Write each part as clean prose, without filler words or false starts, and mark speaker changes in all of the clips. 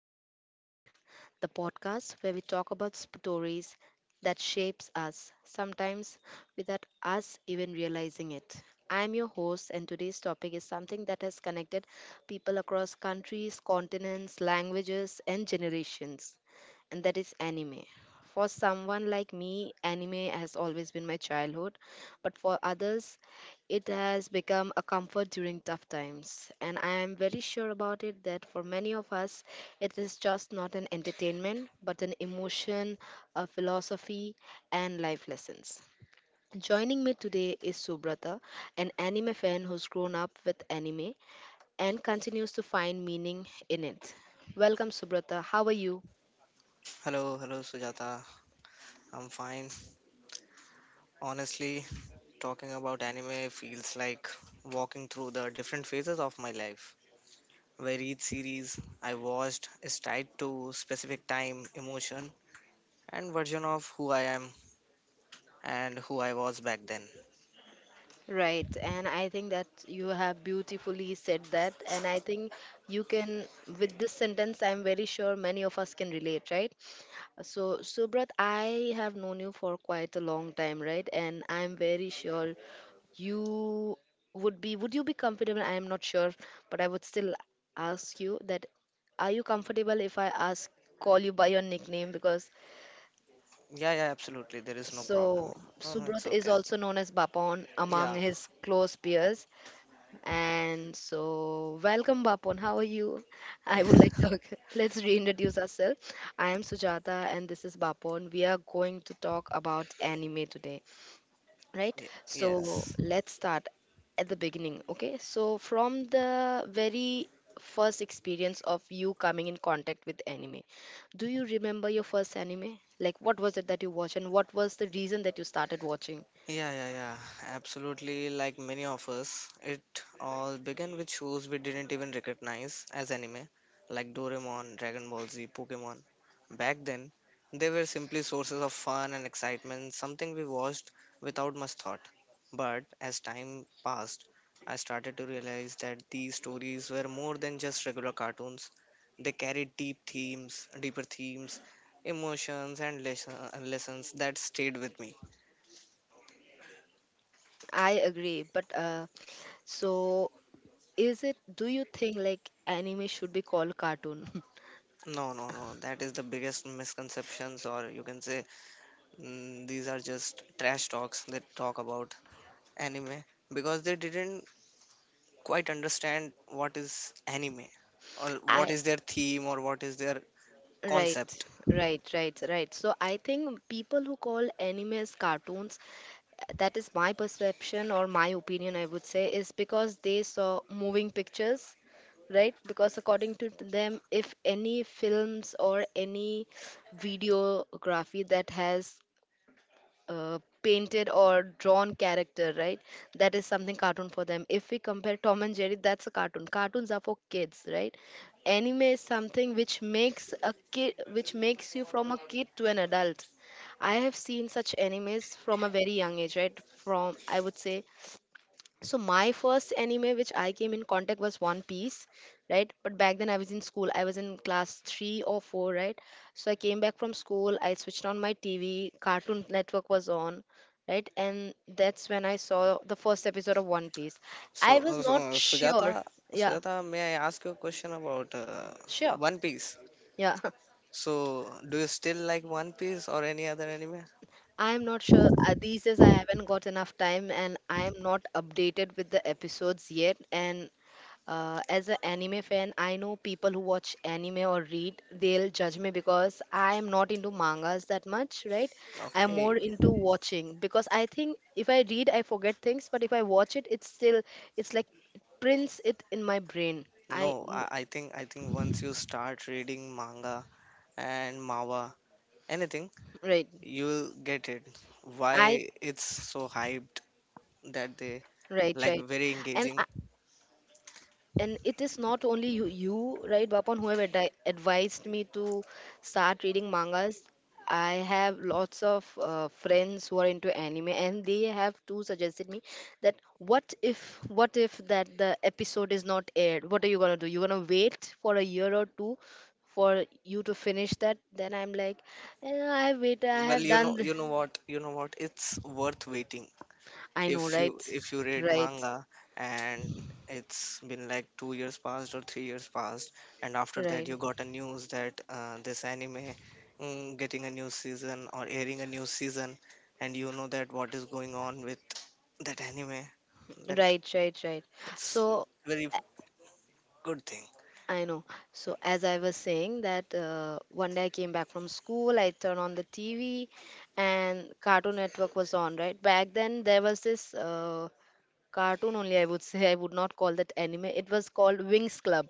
Speaker 1: to Beyond the Screen, the podcast where we talk about stories that shapes us, sometimes without us even realizing it. I'm your host, and today's topic is something that has connected people across countries, continents, languages, and generations and that is anime. For someone like me, anime has always been my childhood, but for others, it has become a comfort during tough times. And I am very sure about it that for many of us, it is just not an entertainment, but an emotion, a philosophy, and life lessons. Joining me today is Subrata, an anime fan who's grown up with anime and continues to find meaning in it. Welcome, Subrata. How are you?
Speaker 2: Hello, hello Sujata. I'm fine. Honestly, talking about anime feels like walking through the different phases of my life, where each series I watched is tied to specific time, emotion, and version of who I am and who I was back then.
Speaker 1: Right, and I think that you have beautifully said that, and I think you can, with this sentence, I'm very sure many of us can relate, right? So, Subrat, I have known you for quite a long time, right? And I'm very sure you would you be comfortable? I am not sure, but I would still ask you that, are you comfortable if I ask, call you by your nickname? Because
Speaker 2: Yeah, yeah, absolutely. There is no problem.
Speaker 1: so
Speaker 2: No, no, it's
Speaker 1: Subrat is
Speaker 2: okay.
Speaker 1: also known as Bapon
Speaker 2: Yeah.
Speaker 1: among his close peers. And so, welcome, Bapon. How are you? I would like to let's reintroduce ourselves. I am Sujata, and this is Bapon. We are going to talk about anime today, right?
Speaker 2: Ye-
Speaker 1: So,
Speaker 2: yes.
Speaker 1: let's start at the beginning, okay? So, from the very first experience of you coming in contact with anime, do you remember your first anime? Like, what was it that you watched, and what was the reason that you started watching?
Speaker 2: Yeah, yeah, yeah. Absolutely, like many of us, it all began with shows we didn't even recognize as anime, like Doraemon, Dragon Ball Z, Pokemon. Back then, they were simply sources of fun and excitement, something we watched without much thought. But as time passed, I started to realize that these stories were more than just regular cartoons. They carried deep themes, deeper themes, emotions, and lessons that stayed with me.
Speaker 1: I agree, but so do you think like anime should be called cartoon?
Speaker 2: No, no, no. That is the biggest misconceptions, or you can say these are just trash talks that talk about anime, because they didn't quite understand what is anime, or what
Speaker 1: I
Speaker 2: is their theme, or what is their
Speaker 1: Right,
Speaker 2: concept.
Speaker 1: right, right, right. So I think people who call anime as cartoons, that is my perception or my opinion, I would say, is because they saw moving pictures, right? Because according to them, if any films or any videography that has painted or drawn character, right? That is something cartoon for them. If we compare Tom and Jerry, that's a cartoon. Cartoons are for kids, right? Anime is something which makes a kid, which makes you from a kid to an adult. I have seen such animes from a very young age, right? From I would say, so my first anime which I came in contact was One Piece, right? But back then I was in school. I was in class three or four, right? So I came back from school. I switched on my TV. Cartoon Network was on, right? And that's when I saw the first episode of One Piece.
Speaker 2: So,
Speaker 1: I was
Speaker 2: uh, so
Speaker 1: not
Speaker 2: uh,
Speaker 1: sure.
Speaker 2: Sujata,
Speaker 1: Yeah,
Speaker 2: Sujata, may I ask you a question about
Speaker 1: sure.
Speaker 2: One Piece?
Speaker 1: Yeah,
Speaker 2: So, do you still like One Piece or any other anime?
Speaker 1: I am not sure. These days I haven't got enough time, and I am not updated with the episodes yet. And as an anime fan, I know people who watch anime or read, they'll judge me because I am not into mangas that much, right. I'm more
Speaker 2: Okay,
Speaker 1: into watching because I think if I read, I forget things, but if I watch it, it's still, it's like it prints it in my brain.
Speaker 2: no, I think once you start reading manga and manhwa, anything,
Speaker 1: Right.
Speaker 2: you'll get it
Speaker 1: I
Speaker 2: why it's so hyped, that they
Speaker 1: Right, right.
Speaker 2: like very
Speaker 1: and
Speaker 2: engaging.
Speaker 1: and it is not only you, right, bapan who have advised me to start reading mangas. I have lots of friends who are into anime, and they have too suggested me that what if what if that the episode is not aired, what are you going to do? You're going to wait for a year or two for you to finish that? Then I'm like, I wait, I
Speaker 2: Well
Speaker 1: have done
Speaker 2: you know what it's worth waiting.
Speaker 1: I
Speaker 2: if
Speaker 1: know,
Speaker 2: you
Speaker 1: right,
Speaker 2: if you read
Speaker 1: right,
Speaker 2: manga, and it's been like 2 years past or 3 years past, and after that
Speaker 1: right,
Speaker 2: you got a news that this anime getting a new season or airing a new season, and you know that what is going on with that anime, that
Speaker 1: right, right, right.
Speaker 2: it's
Speaker 1: So
Speaker 2: very good thing.
Speaker 1: I know. So as I was saying that one day I came back from school, I turned on the TV, and Cartoon Network was on. Right, back then, there was this cartoon only. I would say I would not call that anime. It was called Wings Club.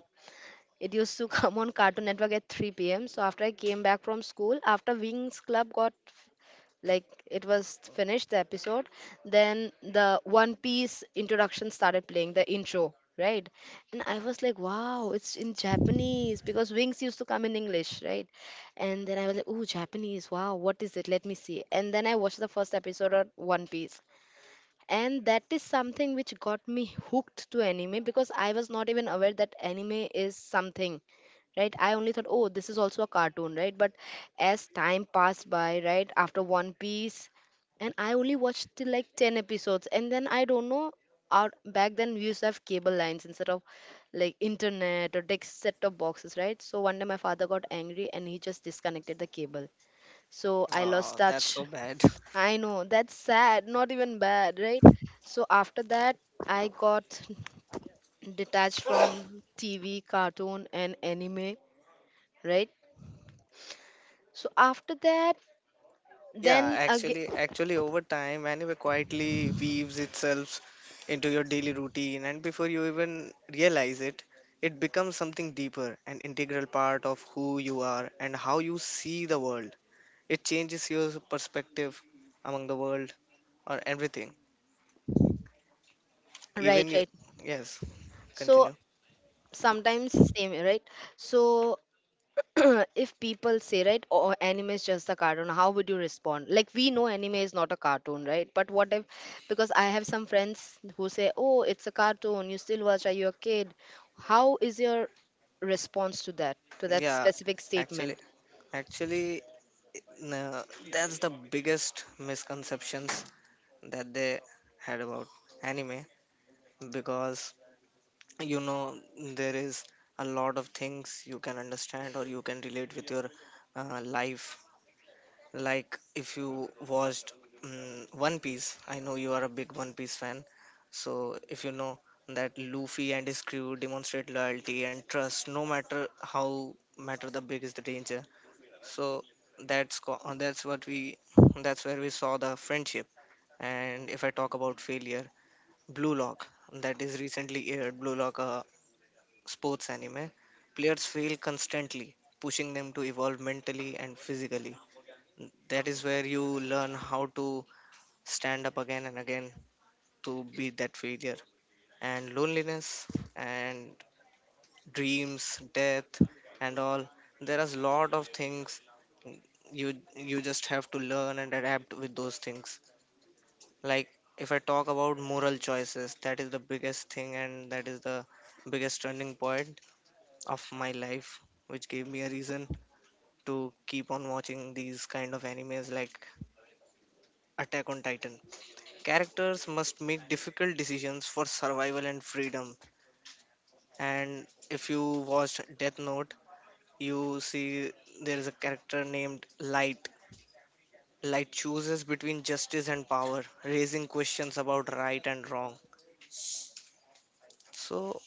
Speaker 1: It used to come on Cartoon Network at 3 p.m. So after I came back from school, after Wings Club got, like, it was finished the episode, then the One Piece introduction started playing the intro, right. And I was like, wow, it's in Japanese, because Wings used to come in English, right. And then I was like, oh, Japanese, wow, what is it, let me see. And then I watched the first episode of One Piece, and that is something which got me hooked to anime, because I was not even aware that anime is something, right. I only thought, oh, this is also a cartoon, right. But as time passed by, right, after One Piece, and I only watched till like 10 episodes, and then I don't know, out, back then we used to have cable lines instead of like internet or text set of boxes, right. So one day my father got angry and he just disconnected the cable, so I lost
Speaker 2: Oh, that's
Speaker 1: touch.
Speaker 2: so bad.
Speaker 1: I know, that's sad, not even bad, right. So after that I got detached from TV, cartoon, and anime, right. So after that,
Speaker 2: Yeah,
Speaker 1: then again,
Speaker 2: actually, over time, anime quietly weaves itself into your daily routine, and before you even realize it, it becomes something deeper, an integral part of who you are and how you see the world. It changes your perspective among the world or everything.
Speaker 1: right,
Speaker 2: Even you,
Speaker 1: right.
Speaker 2: yes,
Speaker 1: So
Speaker 2: continue.
Speaker 1: sometimes same, right? So if people say, right, oh, anime is just a cartoon, how would you respond? Like, we know anime is not a cartoon, right? But what if, because I have some friends who say, oh, it's a cartoon, you still watch, are you a kid? How is your response to that
Speaker 2: Yeah,
Speaker 1: specific
Speaker 2: actually,
Speaker 1: statement?
Speaker 2: actually, no, that's the biggest misconceptions that they had about anime, because you know there is a lot of things you can understand or you can relate with your life. Like if you watched one piece, I know you are a big One Piece fan, so if you know that Luffy and his crew demonstrate loyalty and trust, no matter how matter the big is the danger. So that's co- that's what we that's where we saw the friendship. And if I talk about failure, blue lock, that is recently aired, blue lock, a sports anime, players fail constantly, pushing them to evolve mentally and physically. That is where you learn how to stand up again and again to beat that failure. And loneliness and dreams, death, and all. There is a lot of things you just have to learn and adapt with those things. Like, if I talk about moral choices, that is the biggest thing, and that is the biggest turning point of my life, which gave me a reason to keep on watching these kind of animes like Attack on Titan. Characters must make difficult decisions for survival and freedom. And if you watched Death Note, you see there is a character named Light. Light chooses between justice and power, raising questions about right and wrong. So,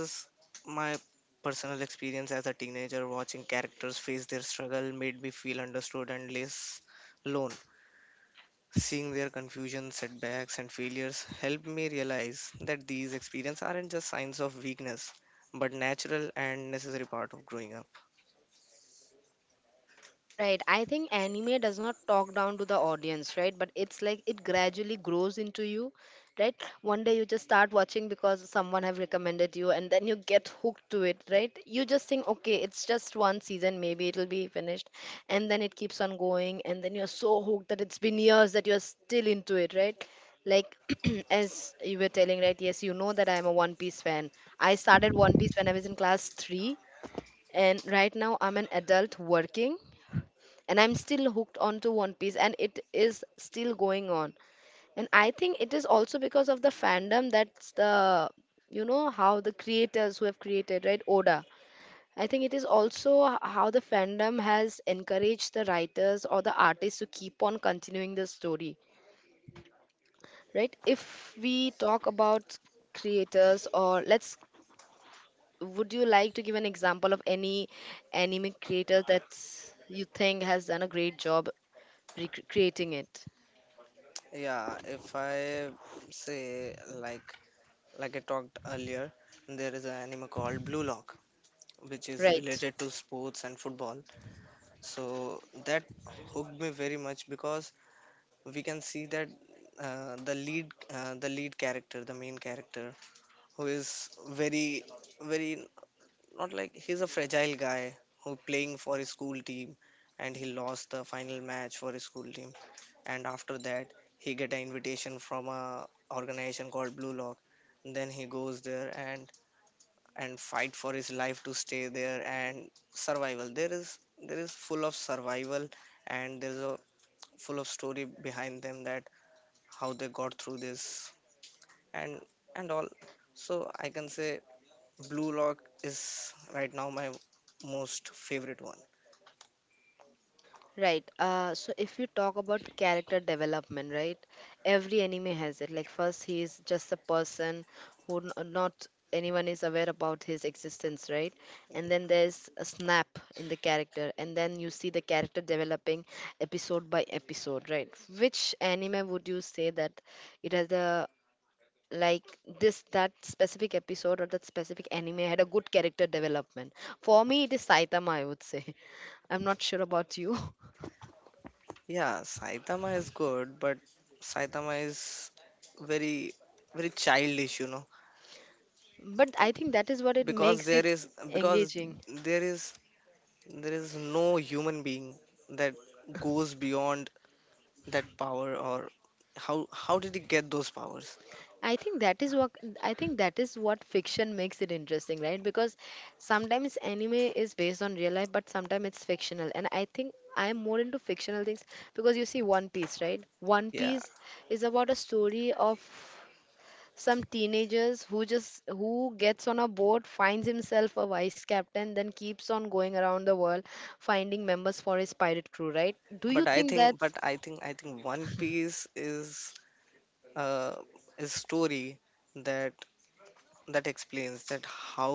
Speaker 2: as my personal experience as a teenager, watching characters face their struggle made me feel understood and less alone. Seeing their confusion, setbacks, and failures helped me realize that these experiences aren't just signs of weakness, but natural and necessary part of growing up.
Speaker 1: Right. I think anime does not talk down to the audience, right? But it's like it gradually grows into you, right? One day you just start watching because someone have recommended you and then you get hooked to it, right? You just think, okay, it's just one season, maybe it'll be finished. And then it keeps on going and then you're so hooked that it's been years that you're still into it, right? Like as you were telling, right? Yes, you know that I'm a One Piece fan. I started One Piece when I was in class 3, and right now I'm an adult working, and I'm still hooked onto One Piece and it is still going on. And I think it is also because of the fandom, that's the you know how the creators who have created, right, Oda. I think it is also how the fandom has encouraged the writers or the artists to keep on continuing the story, right? If we talk about creators or let's would you like to give an example of any anime creator that you think has done a great job recreating it?
Speaker 2: Yeah, if I say, like like I talked earlier, there is an anime called blue lock, which is
Speaker 1: Right,
Speaker 2: related to sports and football. So that hooked me very much because we can see that uh, the lead the lead character, the main character, who is very, very, not like, he's a fragile guy who playing for his school team, and he lost the final match for his school team. And after that, he get an invitation from a organization called blue lock. Then he goes there and fight for his life to stay there, and survival. There is full of survival, and there is a full of story behind them, that how they got through this, and all. So I can say blue lock is right now my most favorite one.
Speaker 1: right. So if you talk about character development, right, every anime has it. Like first, he is just a person who not anyone is aware about his existence, right? And then there's a snap in the character, and then you see the character developing episode by episode, right? Which anime would you say that it has a like, this, that specific episode or that specific anime had a good character development? For me, it is Saitama, I would say. I'm not sure about you.
Speaker 2: Yeah, Saitama is good, but Saitama is very, very childish, you know.
Speaker 1: But I think that is what it
Speaker 2: because
Speaker 1: makes it
Speaker 2: there is because
Speaker 1: engaging.
Speaker 2: there is there is no human being that goes beyond that power, or how how did he get those powers.
Speaker 1: i think that is what I think that is what fiction makes it interesting, right? Because sometimes anime is based on real life, but sometimes it's fictional, and I think I'm more into fictional things, because you see One Piece, right, One
Speaker 2: Yeah,
Speaker 1: Piece is about a story of some teenagers who just who gets on a boat, finds himself a vice captain, then keeps on going around the world finding members for his pirate crew, right. Do you
Speaker 2: but i
Speaker 1: think
Speaker 2: think
Speaker 1: that's
Speaker 2: but i think i think one piece is uh, a story that that explains that how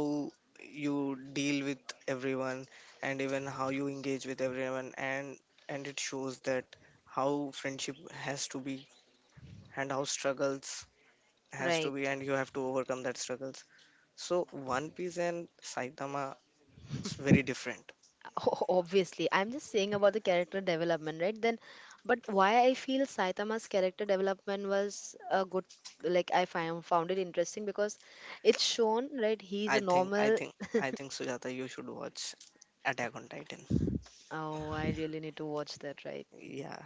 Speaker 2: you deal with everyone, and even how you engage with everyone. And it shows that how friendship has to be, and how struggles has to
Speaker 1: right?
Speaker 2: be, and you have to overcome that struggles. So one piece and Saitama, it's very different.
Speaker 1: Oh, obviously, I'm just saying about the character development, right? Then, but why I feel Saitama's character development was a good, like I find found it interesting because it's shown, right? He's a
Speaker 2: i think i
Speaker 1: normal.
Speaker 2: think i think Sujata, you should watch Attack on Titan.
Speaker 1: Oh, I really need to watch that, right?
Speaker 2: Yeah,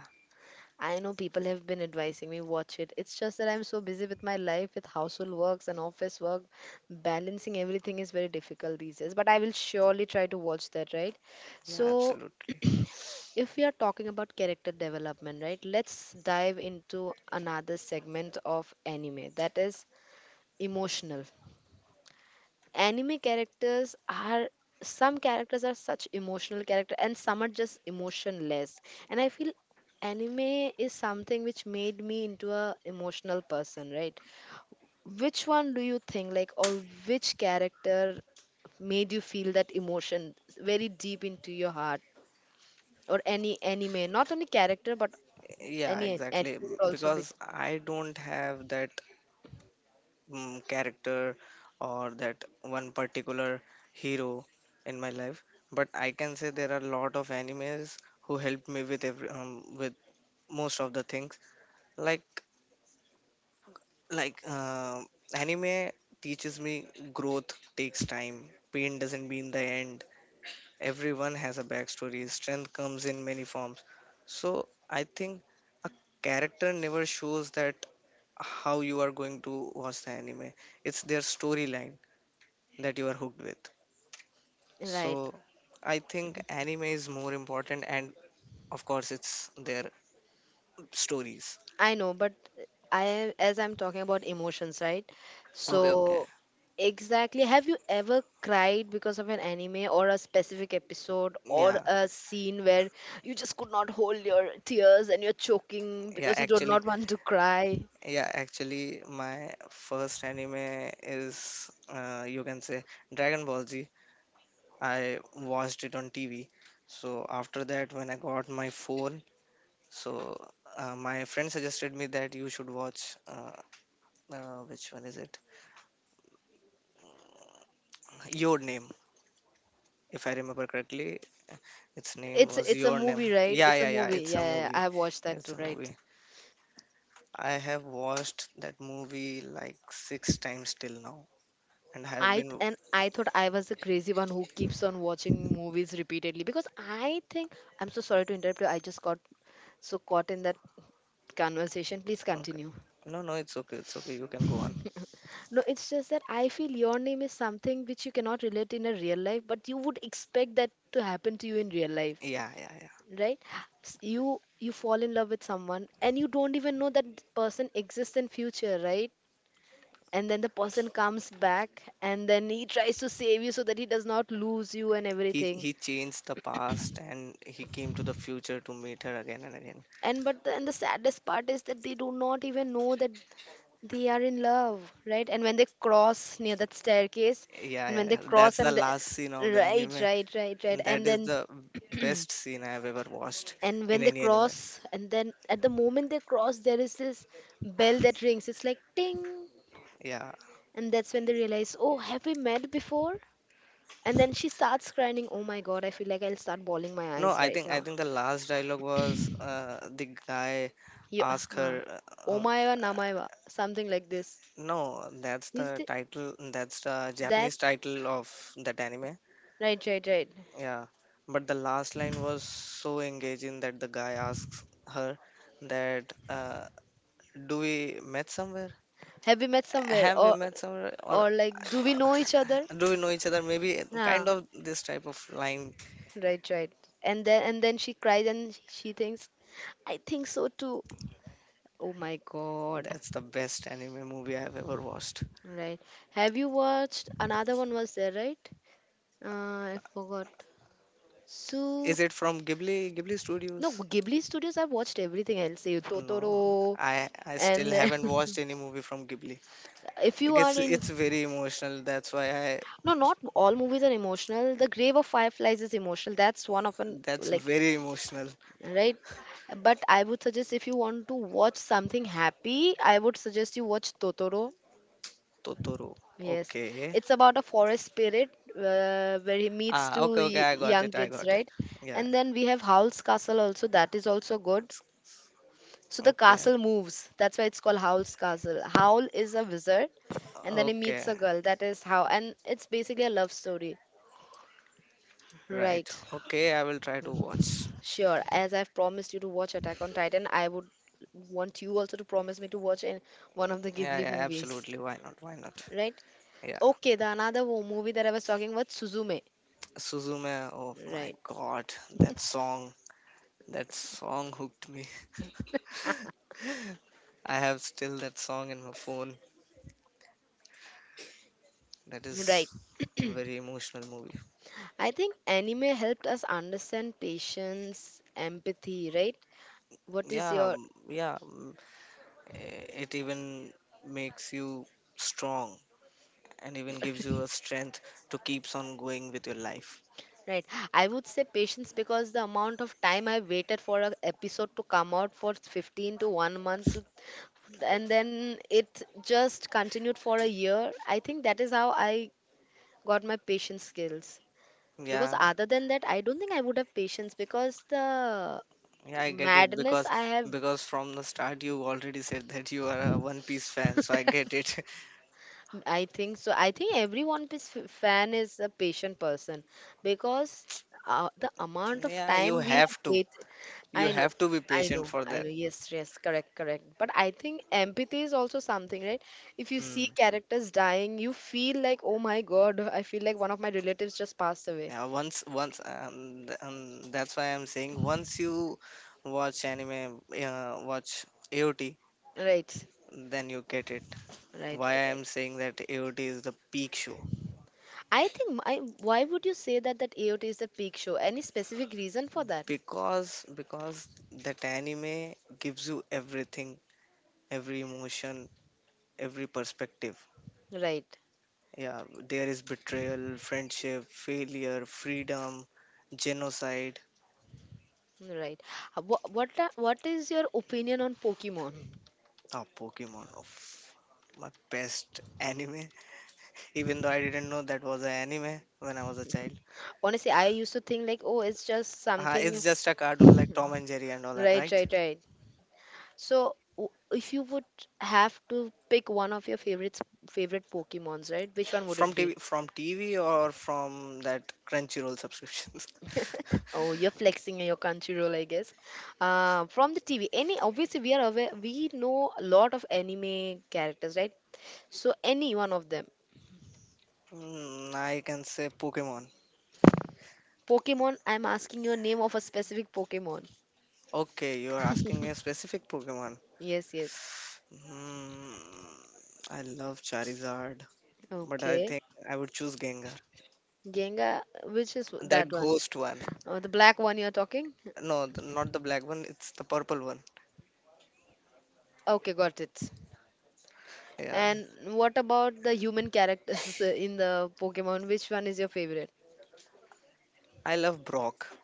Speaker 1: I know people have been advising me watch it. It's just that I'm so busy with my life, with household works and office work, balancing everything is very difficult these days. But I will surely try to watch that, right?
Speaker 2: yeah,
Speaker 1: So,
Speaker 2: absolutely.
Speaker 1: if we are talking about character development, right? Let's dive into another segment of anime that is emotional. Anime characters are Some characters are such emotional character and some are just emotionless, and I feel anime is something which made me into a emotional person, right. which one do you think like or Which character made you feel that emotion very deep into your heart, or any anime, not only character, but
Speaker 2: Yeah,
Speaker 1: any anime
Speaker 2: exactly.
Speaker 1: would also be
Speaker 2: Because I don't have that character, or that one particular hero in my life, but I can say there are a lot of animes who helped me with every with most of the things. Like, like uh, anime teaches me growth takes time. Pain doesn't mean the end. Everyone has a backstory. Strength comes in many forms. So I think a character never shows that how you are going to watch the anime. It's their storyline that you are hooked with. So
Speaker 1: right.
Speaker 2: I think anime is more important, and of course it's their stories.
Speaker 1: I know, but I as I'm talking about emotions, right?
Speaker 2: Okay, okay.
Speaker 1: So exactly, have you ever cried because of an anime or a specific episode or
Speaker 2: yeah
Speaker 1: a scene where you just could not hold your tears and you're choking
Speaker 2: yeah
Speaker 1: because you do
Speaker 2: actually
Speaker 1: not want to cry?
Speaker 2: yeah, actually, my first anime is, you can say, Dragon Ball Z. I watched it on TV. So after that, when I got my phone, so my friend suggested me that you should watch which one is it, Your Name, if I remember correctly, its name
Speaker 1: It's
Speaker 2: was
Speaker 1: it's a
Speaker 2: Your Name.
Speaker 1: movie, right?
Speaker 2: Yeah,
Speaker 1: It's a
Speaker 2: yeah, yeah.
Speaker 1: movie.
Speaker 2: It's
Speaker 1: Yeah,
Speaker 2: a
Speaker 1: yeah, yeah. I
Speaker 2: movie.
Speaker 1: have watched that
Speaker 2: It's
Speaker 1: too,
Speaker 2: a
Speaker 1: right?
Speaker 2: movie. I have watched that movie like 6 times till now, and I have
Speaker 1: I th-
Speaker 2: been
Speaker 1: and I thought I was the crazy one who keeps on watching movies repeatedly because I think I'm so sorry to interrupt you. I just got so caught in that conversation. Please
Speaker 2: okay.
Speaker 1: continue.
Speaker 2: No, no, it's okay. It's okay. You can go on.
Speaker 1: No, it's just that I feel your name is something which you cannot relate in a real life, but you would expect that to happen to you in real life,
Speaker 2: Yeah, yeah, yeah.
Speaker 1: right? You fall in love with someone and you don't even know that person exists in future, right? And then the person comes back and then he tries to save you so that he does not lose you and
Speaker 2: He
Speaker 1: everything.
Speaker 2: he changed the past and he came to the future to meet her again and again.
Speaker 1: And the saddest part is that they do not even know that they are in love, right? And when they cross near that staircase
Speaker 2: Yeah,
Speaker 1: and
Speaker 2: yeah,
Speaker 1: when they
Speaker 2: yeah. That's
Speaker 1: cross
Speaker 2: the last scene of the
Speaker 1: right,
Speaker 2: anime.
Speaker 1: right, right, right.
Speaker 2: That
Speaker 1: And
Speaker 2: is
Speaker 1: then
Speaker 2: the best scene I have ever watched
Speaker 1: and
Speaker 2: in
Speaker 1: when they
Speaker 2: any anime.
Speaker 1: cross and then at the moment they cross there is this bell that rings, it's like ting.
Speaker 2: Yeah.
Speaker 1: And that's when they realize, oh, have we met before? And then she starts crying. Oh my god, I feel like I'll start bawling my
Speaker 2: No,
Speaker 1: eyes
Speaker 2: I
Speaker 1: right
Speaker 2: think
Speaker 1: now.
Speaker 2: the last dialogue was the guy
Speaker 1: Yeah.
Speaker 2: asked
Speaker 1: Uh,
Speaker 2: her. Uh,
Speaker 1: Omaiwa
Speaker 2: uh,
Speaker 1: Namaiwa. Something like this.
Speaker 2: no, that's
Speaker 1: Is
Speaker 2: the
Speaker 1: thi-
Speaker 2: title. That's the
Speaker 1: that
Speaker 2: Japanese title of that anime.
Speaker 1: Right, right, right.
Speaker 2: Yeah, but the last line was so engaging that the guy asks her that do we met somewhere?
Speaker 1: Have we met somewhere?
Speaker 2: Have we met somewhere, or
Speaker 1: Or like do we know each other?
Speaker 2: do we know each other? Maybe kind
Speaker 1: Ah,
Speaker 2: of this type of line.
Speaker 1: right, right. And then she cries and she thinks, I think so too. Oh my god.
Speaker 2: That's the best anime movie I've ever watched.
Speaker 1: Right. Have you watched another one was there, right? I forgot. So
Speaker 2: Is it from Ghibli
Speaker 1: no,
Speaker 2: Studios?
Speaker 1: Ghibli Studios I've watched everything, I'll say.
Speaker 2: No,
Speaker 1: Totoro,
Speaker 2: I still
Speaker 1: and then
Speaker 2: haven't watched any movie from Ghibli.
Speaker 1: if
Speaker 2: I
Speaker 1: you are
Speaker 2: guess
Speaker 1: in
Speaker 2: it's very emotional. That's why I.
Speaker 1: no, not all movies are emotional. The grave of fireflies is emotional, that's one of an
Speaker 2: That's
Speaker 1: like
Speaker 2: very emotional.
Speaker 1: right. But I would suggest if you want to watch something happy, I would suggest you watch Totoro.
Speaker 2: Totoro.
Speaker 1: Yes,
Speaker 2: Okay.
Speaker 1: it's about a forest spirit, where he meets
Speaker 2: Ah,
Speaker 1: two
Speaker 2: okay, okay.
Speaker 1: y-
Speaker 2: I got
Speaker 1: young
Speaker 2: it. I
Speaker 1: kids,
Speaker 2: got it.
Speaker 1: right?
Speaker 2: Yeah.
Speaker 1: And then we have Howl's Castle also, that is also good. So the
Speaker 2: Okay.
Speaker 1: castle moves. That's why it's called Howl's Castle. Howl is a wizard and then he meets
Speaker 2: Okay.
Speaker 1: a girl. That is how. And it's basically a love story.
Speaker 2: Right.
Speaker 1: Right.
Speaker 2: Okay. I will try to watch.
Speaker 1: Sure. As I've promised you to watch Attack on Titan, I would want you also to promise me to watch in one of the
Speaker 2: Yeah.
Speaker 1: Ghibli
Speaker 2: Yeah.
Speaker 1: movies.
Speaker 2: Absolutely. Why not? Why not?
Speaker 1: Right?
Speaker 2: Yeah.
Speaker 1: Okay, the another movie that I was talking about, Suzume.
Speaker 2: Suzume. Oh my
Speaker 1: Right.
Speaker 2: God. That song. That song hooked me. I have still that song in my phone. That is
Speaker 1: Right.
Speaker 2: very emotional movie.
Speaker 1: I think anime helped us understand patience, empathy, right? What is
Speaker 2: Yeah
Speaker 1: your
Speaker 2: yeah, it even makes you strong, and even gives you a strength to keeps on going with your life.
Speaker 1: right? I would say patience because the amount of time I waited for an episode to come out for 15 to 1 month to, and then it just continued for a year. I think that is how I got my patience skills. Because
Speaker 2: Yeah,
Speaker 1: other than that, I don't think I would have patience because the
Speaker 2: yeah, I get it,
Speaker 1: madness
Speaker 2: because
Speaker 1: I have.
Speaker 2: from the start you already said that you are a one piece fan, so I get it.
Speaker 1: I think so. I think every One Piece fan is a patient person because the amount of
Speaker 2: Yeah, you
Speaker 1: time we have
Speaker 2: have to
Speaker 1: waited.
Speaker 2: you
Speaker 1: I know,
Speaker 2: have to be
Speaker 1: I
Speaker 2: patient
Speaker 1: know,
Speaker 2: for
Speaker 1: I
Speaker 2: that.
Speaker 1: know. Yes, yes, correct, correct. But I think empathy is also something, right? If you see
Speaker 2: Hmm.
Speaker 1: characters dying, you feel like, oh my God, I feel like one of my relatives just passed away.
Speaker 2: Yeah, that's why I'm saying, once you watch anime, watch AOT,
Speaker 1: Right,
Speaker 2: then you get it.
Speaker 1: right,
Speaker 2: Why
Speaker 1: right, right.
Speaker 2: I'm saying that AOT is the peak show?
Speaker 1: Why would you say that AOT is a peak show? Any specific reason for that?
Speaker 2: Because that anime gives you everything, every emotion, every perspective.
Speaker 1: Right.
Speaker 2: Yeah, there is betrayal, friendship, failure, freedom, genocide.
Speaker 1: Right. What is your opinion on Pokemon?
Speaker 2: Oh, Pokemon, of my best anime, even though I didn't know that was an anime when I was a child.
Speaker 1: Honestly, I used to think like, oh, it's just something.
Speaker 2: It's just a cartoon like Tom and Jerry and all that,
Speaker 1: Right,
Speaker 2: right?
Speaker 1: right, right. So, if you would have to pick one of your favorites, favorite Pokemons, right? Which one would
Speaker 2: from
Speaker 1: it be?
Speaker 2: tv from tv or from that Crunchyroll subscriptions?
Speaker 1: Oh, you're flexing your country role, I guess. From the TV, any obviously we are aware we know a lot of anime characters, right? So any one of them.
Speaker 2: Mm, I can say Pokemon.
Speaker 1: Pokemon, I'm asking your name of a specific Pokemon.
Speaker 2: Okay, you are asking me a specific Pokemon.
Speaker 1: Yes, yes.
Speaker 2: Hmm, I love Charizard, but I
Speaker 1: Okay.
Speaker 2: think I would choose Gengar.
Speaker 1: Genga, which is
Speaker 2: That
Speaker 1: that one?
Speaker 2: ghost one.
Speaker 1: The black one you're talking?
Speaker 2: No, not the black one, it's the purple one.
Speaker 1: Okay, got it.
Speaker 2: Yeah.
Speaker 1: And what about the human characters in the Pokemon? Which one is your favorite?
Speaker 2: I love Brock.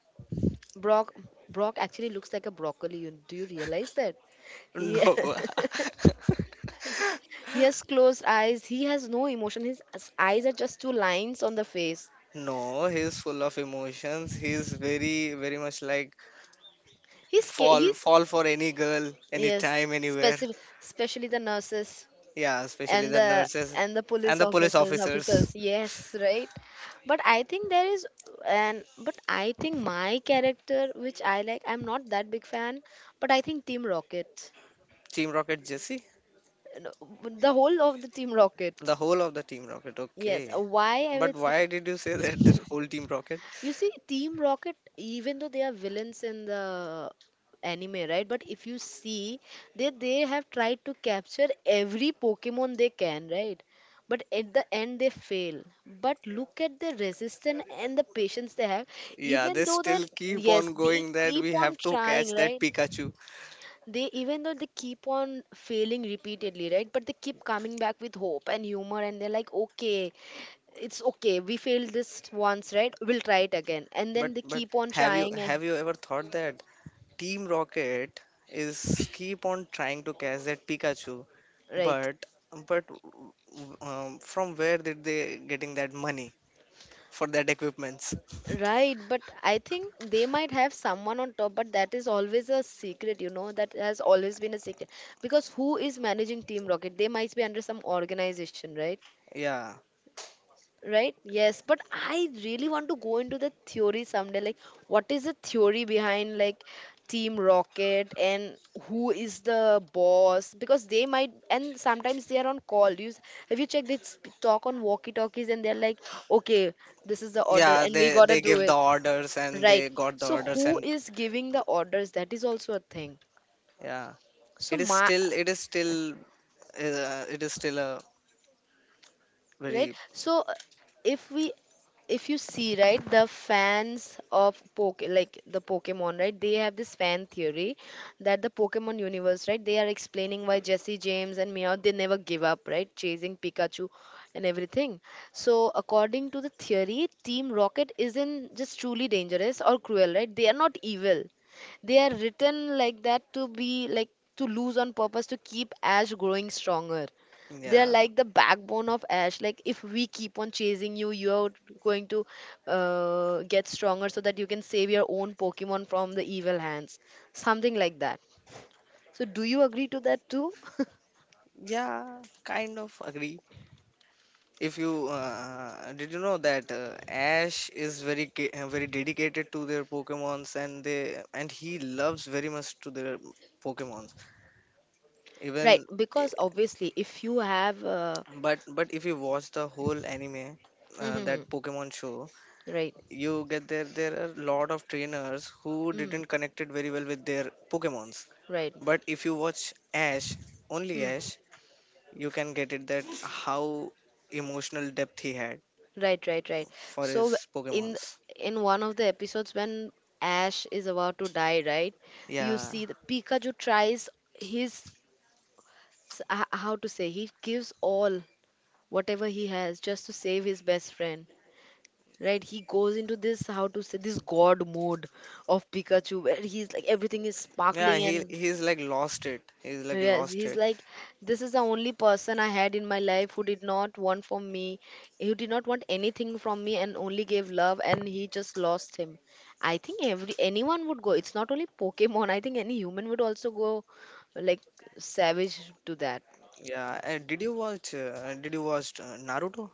Speaker 1: Brock. Brock actually looks like a broccoli. Do you realize that? He
Speaker 2: No.
Speaker 1: he has closed eyes. He has no emotion. His eyes are just two lines on the face.
Speaker 2: No, he's full of emotions. He's very, very much like
Speaker 1: He's sca- he
Speaker 2: fall for any girl,
Speaker 1: yes,
Speaker 2: anytime, anywhere.
Speaker 1: specific, especially the nurses.
Speaker 2: Yeah, especially
Speaker 1: And
Speaker 2: the
Speaker 1: the
Speaker 2: nurses
Speaker 1: and the police
Speaker 2: and the police
Speaker 1: officers
Speaker 2: officers.
Speaker 1: officers, yes, right. But I think there is, and but I think my character which I like, I'm not that big fan, but I think Team Rocket,
Speaker 2: Team Rocket Jesse?
Speaker 1: you know, the whole of the Team
Speaker 2: The
Speaker 1: Rocket,
Speaker 2: whole of the Team Rocket,
Speaker 1: yes.
Speaker 2: okay.
Speaker 1: Why I
Speaker 2: But
Speaker 1: would say
Speaker 2: why did you say that whole Team Rocket?
Speaker 1: you see, Team Rocket, even though they are villains in the anime, right? But if you see, they have tried to capture every Pokemon they can, right? But at the end, they fail. But look at the resistance and the patience they have.
Speaker 2: Yeah,
Speaker 1: Even
Speaker 2: they
Speaker 1: though
Speaker 2: still
Speaker 1: they're,
Speaker 2: keep
Speaker 1: yes,
Speaker 2: on
Speaker 1: they
Speaker 2: going that
Speaker 1: keep
Speaker 2: we
Speaker 1: on
Speaker 2: have to
Speaker 1: trying,
Speaker 2: catch that
Speaker 1: right?
Speaker 2: Pikachu.
Speaker 1: They, even though they keep on failing repeatedly, right? But they keep coming back with hope and humor, and they're like, okay, it's okay, we failed this once, right, we'll try it again. And
Speaker 2: But
Speaker 1: then they
Speaker 2: but
Speaker 1: keep on
Speaker 2: have you
Speaker 1: trying
Speaker 2: have you ever thought that Team Rocket is keep on trying to catch that Pikachu,
Speaker 1: right,
Speaker 2: but but from where did they getting that money for that equipments?
Speaker 1: right. But I think they might have someone on top, but that is always a secret, you know, that has always been a secret because who is managing Team Rocket, they might be under some organization, right?
Speaker 2: Yeah.
Speaker 1: Right? Yes, but I really want to go into the theory someday. Like, what is the theory behind like Team Rocket and who is the boss? Because they might, and sometimes they are on call. Have you checked? They talk on walkie-talkies, and they're like, "Okay, this is the order,
Speaker 2: Yeah,
Speaker 1: and we
Speaker 2: they
Speaker 1: gotta
Speaker 2: they
Speaker 1: do
Speaker 2: give the
Speaker 1: it."
Speaker 2: orders and they
Speaker 1: Right.
Speaker 2: got the
Speaker 1: So,
Speaker 2: orders
Speaker 1: who
Speaker 2: and
Speaker 1: is giving the orders? That is also a thing.
Speaker 2: yeah.
Speaker 1: So,
Speaker 2: It is
Speaker 1: my
Speaker 2: still it is still it is still a
Speaker 1: right,
Speaker 2: very
Speaker 1: so if we, if you see, right, the fans of poke, like the Pokemon, right, they have this fan theory that the Pokemon universe, right, they are explaining why Jesse, James and Meow they never give up, right, chasing Pikachu and everything. So according to the theory, Team Rocket isn't just truly dangerous or cruel, right, they are not evil. They are written like that to be like to lose on purpose to keep Ash growing stronger. They're
Speaker 2: yeah
Speaker 1: like the backbone of Ash, like if we keep on chasing you, you're going to get stronger so that you can save your own Pokemon from the evil hands, something like that. So do you agree to that too?
Speaker 2: yeah kind of agree if you did you know that ash is very very dedicated to their pokemons and they and he loves very much to their pokemons
Speaker 1: Right,
Speaker 2: even eh,
Speaker 1: because obviously if you have
Speaker 2: but if you watch the whole anime that pokemon show
Speaker 1: right.
Speaker 2: you get there are a lot of trainers who
Speaker 1: Hmm,
Speaker 2: didn't connect it very well with their pokemons,
Speaker 1: right.
Speaker 2: but if you watch ash, only
Speaker 1: Hmm.
Speaker 2: ash, you can get it that how emotional depth he had
Speaker 1: Right, right, right.
Speaker 2: for
Speaker 1: So
Speaker 2: his
Speaker 1: in
Speaker 2: Pokemons.
Speaker 1: in one of the episodes when Ash is about to die, right, you
Speaker 2: Yeah,
Speaker 1: see the Pikachu tries his, how to say, he gives all whatever he has just to save his best friend, right. He goes into this, how to say, this god mode of Pikachu where he's like everything is
Speaker 2: yeah,
Speaker 1: sparkling
Speaker 2: he
Speaker 1: and
Speaker 2: he's like lost it. He's like
Speaker 1: yes,
Speaker 2: lost
Speaker 1: he's
Speaker 2: it.
Speaker 1: like this is the only person I had in my life who did not want from me, who did not want anything from me and only gave love and he just lost him. I think every anyone would go, it's not only Pokemon, I think any human would also go like savage to that.
Speaker 2: Yeah. Did you watch Naruto?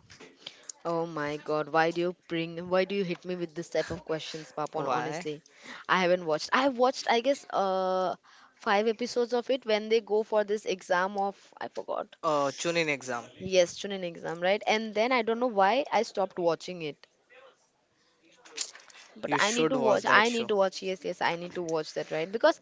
Speaker 1: Oh my God, why do you bring, why do you hit me with this type of questions, Papon?
Speaker 2: Why?
Speaker 1: Honestly, I haven't watched. I have watched, I guess, five episodes of it when they go for this exam of, I forgot.
Speaker 2: Oh, Chunin exam.
Speaker 1: Yes, Chunin exam, right? And then I don't know why I stopped watching it, but
Speaker 2: You
Speaker 1: I need
Speaker 2: should
Speaker 1: to watch,
Speaker 2: watch that
Speaker 1: I need
Speaker 2: show.
Speaker 1: to watch, yes, yes, I need to watch that, right? because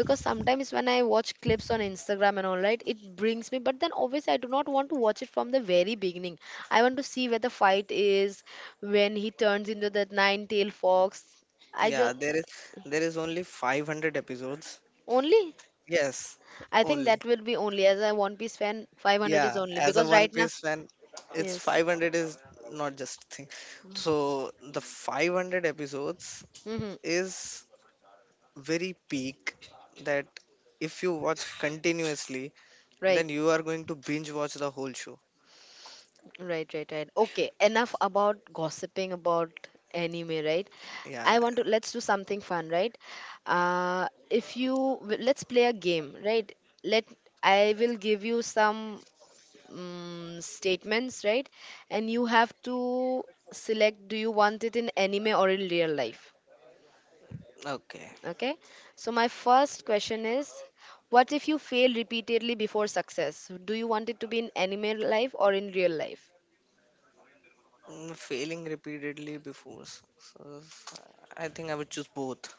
Speaker 1: because sometimes when I watch clips on Instagram and all, right, it brings me, but then obviously I do not want to watch it from the very beginning. I want to see where the fight is when he turns into that nine tail fox, I
Speaker 2: Yeah,
Speaker 1: just
Speaker 2: there is only 500 episodes.
Speaker 1: only.
Speaker 2: Yes,
Speaker 1: I think
Speaker 2: only.
Speaker 1: that will be only as a one piece fan, 500 is
Speaker 2: Yeah,
Speaker 1: only
Speaker 2: as a
Speaker 1: because
Speaker 2: One
Speaker 1: right now
Speaker 2: Piece fan, it's
Speaker 1: yes,
Speaker 2: 500 is not just thing. So the 500 episodes
Speaker 1: mm-hmm,
Speaker 2: is very peak that if you watch continuously,
Speaker 1: right.
Speaker 2: then you are going to binge watch the whole show.
Speaker 1: Right, right, right. Okay, enough about gossiping about anime, right?
Speaker 2: Yeah,
Speaker 1: I want
Speaker 2: yeah.
Speaker 1: to let's do something fun, right? If you let's play a game, right? Let I will give you some statements, right? And you have to select, do you want it in anime or in real life?
Speaker 2: Okay.
Speaker 1: Okay? So my first question is what if you fail repeatedly before success? Do you want it to be in anime life or in real life?
Speaker 2: Failing repeatedly before. I think I would choose both.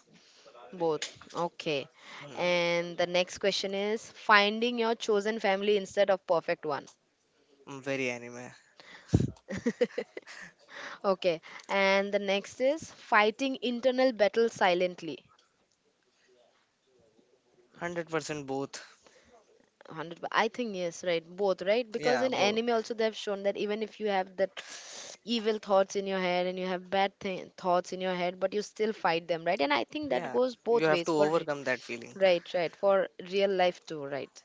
Speaker 1: Both. Okay.
Speaker 2: Mm,
Speaker 1: And the next question is finding your chosen family instead of perfect one.
Speaker 2: very anime.
Speaker 1: Okay. And the next is fighting internal battle silently.
Speaker 2: 100% both.
Speaker 1: 100% I think yes, right. Both, right? Because
Speaker 2: Yeah,
Speaker 1: in
Speaker 2: both.
Speaker 1: anime also they have shown that even if you have that evil thoughts in your head and you have bad thoughts in your head, but you still fight them, right? And I think that
Speaker 2: Yeah.
Speaker 1: goes
Speaker 2: You
Speaker 1: both
Speaker 2: have to
Speaker 1: ways for
Speaker 2: overcome that feeling.
Speaker 1: right, right, for real life too, right?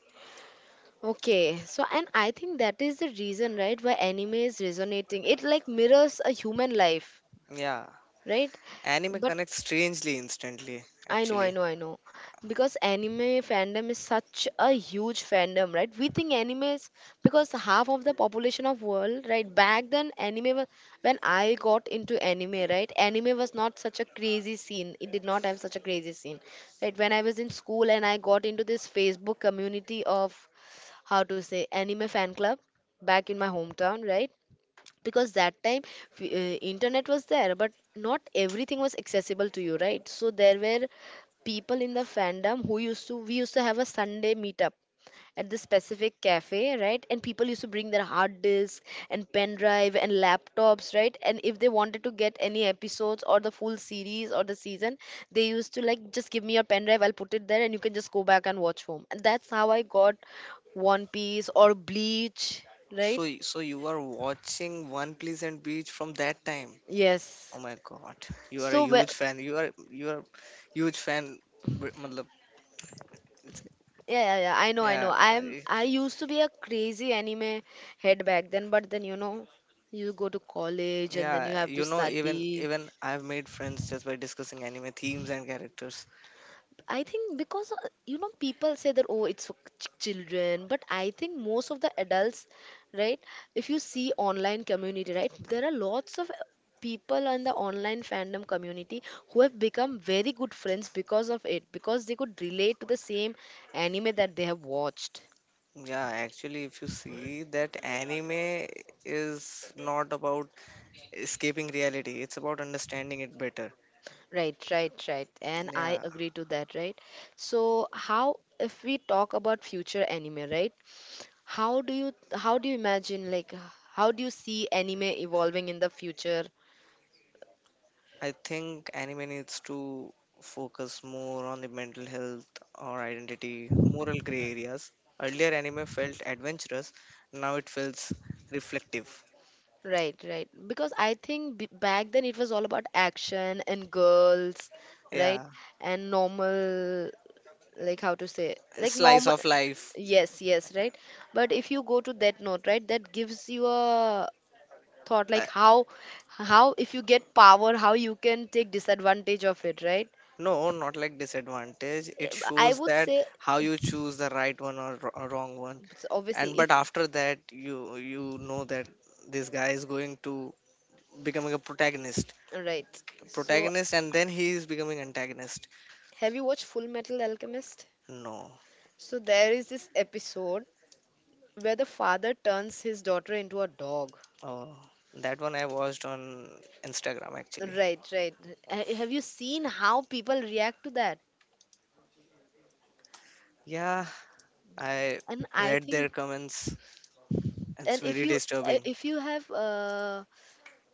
Speaker 1: Okay, so and I think that is the reason, right, why anime is resonating. It like mirrors a human life,
Speaker 2: Yeah.
Speaker 1: right?
Speaker 2: Anime
Speaker 1: But
Speaker 2: connects strangely instantly, actually.
Speaker 1: I know. Because anime fandom is such a huge fandom, right? We think anime is because half of the population of world, right? Back then, anime was when I got into anime, right? Anime was not such a crazy scene. It did not have such a crazy scene, right? When I was in school and I got into this Facebook community of how to say anime fan club back in my hometown, right? Because that time internet was there but not everything was accessible to you, right? So there were people in the fandom who used to, we used to have a Sunday meetup at this specific cafe, right? And people used to bring their hard disk and pen drive and laptops, right? And if they wanted to get any episodes or the full series or the season, they used to like, just give me your pen drive, I'll put it there and you can just go back and watch home. And that's how I got One Piece or Bleach, right?
Speaker 2: So, so you are watching One Pleasant Beach from that time.
Speaker 1: Yes.
Speaker 2: Oh my God, you are a
Speaker 1: So wh-
Speaker 2: huge fan. You are huge fan. मतलब,
Speaker 1: yeah, yeah, yeah. I
Speaker 2: Yeah,
Speaker 1: know.
Speaker 2: I-
Speaker 1: I used to be a crazy anime head back then, but then you know, you go to college and then you
Speaker 2: yeah.
Speaker 1: have to
Speaker 2: You know, even
Speaker 1: study.
Speaker 2: even I've made friends just by discussing anime themes and characters.
Speaker 1: I think because you know, people say that, oh, it's for children, but I think most of the adults, right? If you see online community, right, there are lots of people in the online fandom community who have become very good friends because of it, because they could relate to the same anime that they have watched.
Speaker 2: Yeah, actually, if you see that anime is not about escaping reality, it's about understanding it better.
Speaker 1: Right, right, right. And I
Speaker 2: Yeah,
Speaker 1: agree to that, right? So how, if we talk about future anime, right? How do you imagine, like how do you see anime evolving in the future?
Speaker 2: I think anime needs to focus more on the mental health or identity, moral gray areas. Earlier, anime felt adventurous, now it feels reflective.
Speaker 1: Right, right. Because I think b back then it was all about action and girls, right?
Speaker 2: Yeah,
Speaker 1: And normal, like how to say, like
Speaker 2: slice
Speaker 1: normal.
Speaker 2: of life.
Speaker 1: Yes, yes, right. But if you go to that note, right, that gives you a thought
Speaker 2: Uh,
Speaker 1: like how if you get power, how you can take disadvantage of it, right?
Speaker 2: no, not like disadvantage. It
Speaker 1: I
Speaker 2: shows
Speaker 1: would
Speaker 2: that
Speaker 1: say,
Speaker 2: how you choose the right one or wrong one.
Speaker 1: it's obviously,
Speaker 2: And but
Speaker 1: if
Speaker 2: after that, you know that this guy is going to becoming a protagonist,
Speaker 1: right. So
Speaker 2: protagonist, and then he is becoming antagonist.
Speaker 1: have you watched Full Metal Alchemist?
Speaker 2: No.
Speaker 1: So there is this episode where the father turns his daughter into a dog.
Speaker 2: Oh, that one I watched on Instagram actually.
Speaker 1: Right, right. Have you seen how people react to that?
Speaker 2: Yeah, I
Speaker 1: And I
Speaker 2: read their
Speaker 1: think,
Speaker 2: comments. It's
Speaker 1: and
Speaker 2: very
Speaker 1: uh,
Speaker 2: disturbing.
Speaker 1: if you have uh,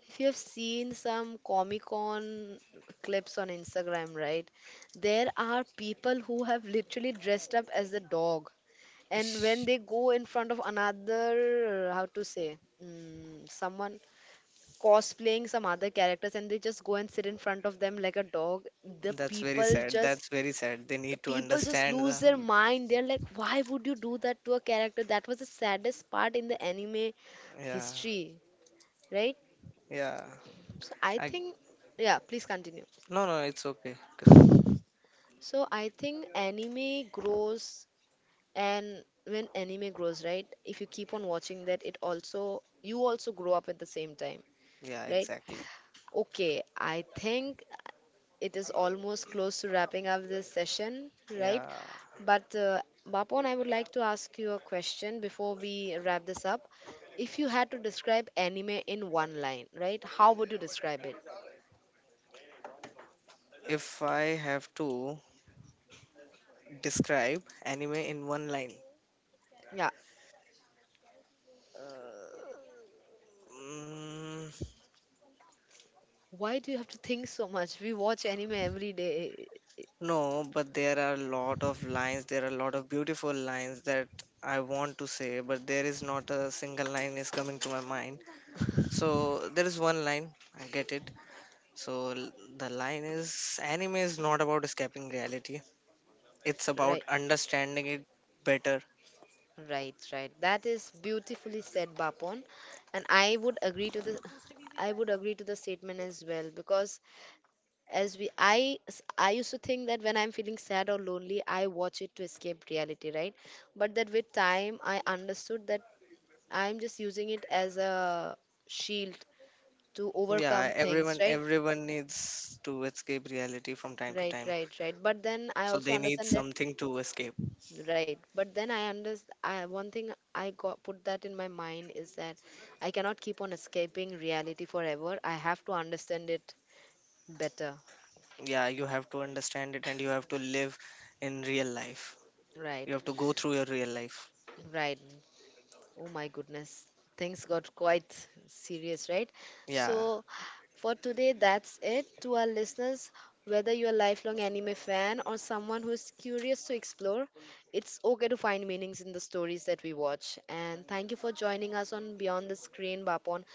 Speaker 1: if you have seen some Comic Con clips on Instagram, right? There are people who have literally dressed up as a dog, and when
Speaker 2: Ish,
Speaker 1: they go in front of another, how to say, someone cosplaying some other characters and they just go and sit in front of them like a dog, the
Speaker 2: that's very
Speaker 1: people
Speaker 2: sad.
Speaker 1: just
Speaker 2: That's very sad. They
Speaker 1: the
Speaker 2: need to
Speaker 1: people just
Speaker 2: understand
Speaker 1: lose
Speaker 2: the.
Speaker 1: their mind. They're like, why would you do that to a character? That was the saddest part in the anime
Speaker 2: Yeah,
Speaker 1: history, right?
Speaker 2: yeah.
Speaker 1: So I
Speaker 2: I
Speaker 1: think, yeah, please continue.
Speaker 2: no no. It's okay. Con-
Speaker 1: So I think anime grows, and when anime grows, right? If you keep on watching that, it also, you also grow up at the same time,
Speaker 2: yeah,
Speaker 1: right?
Speaker 2: exactly.
Speaker 1: Okay, I think it is almost close to wrapping up this session, right?
Speaker 2: Yeah.
Speaker 1: But Bapon, I would like to ask you a question before we wrap this up. If you had to describe anime in one line, right? How would you describe it?
Speaker 2: If I have to describe anime in one line,
Speaker 1: Yeah.
Speaker 2: uh, mm,
Speaker 1: Why do you have to think so much? We watch anime every day,
Speaker 2: no, but there are a lot of lines, there are a lot of beautiful lines that I want to say, but there is not a single line is coming to my mind. So there is one line, I get it. So l- the line is anime is not about escaping reality. It's
Speaker 1: right?
Speaker 2: about understanding it better.
Speaker 1: Right, right. That is beautifully said, Bapon. And I would agree to this. I would agree to the statement as well because as we, I used to think that when I'm feeling sad or lonely, I watch it to escape reality, right? But that, with time, I understood that I'm just using it as a shield to
Speaker 2: Yeah,
Speaker 1: overcome things,
Speaker 2: everyone
Speaker 1: right?
Speaker 2: everyone needs to escape reality from time to
Speaker 1: Right,
Speaker 2: time.
Speaker 1: right, right. But then I
Speaker 2: So
Speaker 1: also
Speaker 2: they need
Speaker 1: understand that,
Speaker 2: something to escape.
Speaker 1: right, but then I understand, one thing I got, put that in my mind, is that I cannot keep on escaping reality forever. I have to understand it better,
Speaker 2: Yeah, you have to understand it and you have to live in real life. You
Speaker 1: right?
Speaker 2: have to go through your real life.
Speaker 1: Right. Oh my goodness, things got quite serious, right?
Speaker 2: Yeah.
Speaker 1: So, for today, that's it. To our listeners, whether you're a lifelong anime fan or someone who's curious to explore, it's okay to find meanings in the stories that we watch. And thank you for joining us on Beyond the Screen, Bapon.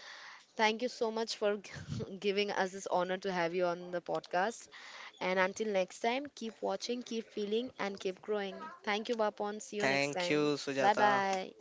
Speaker 1: Thank you so much for giving us this honor to have you on the podcast. And until next time, keep watching, keep feeling, and keep growing. Thank you, Bapon. See you next
Speaker 2: Thank
Speaker 1: time.
Speaker 2: you,
Speaker 1: Bye
Speaker 2: Sujata.
Speaker 1: bye.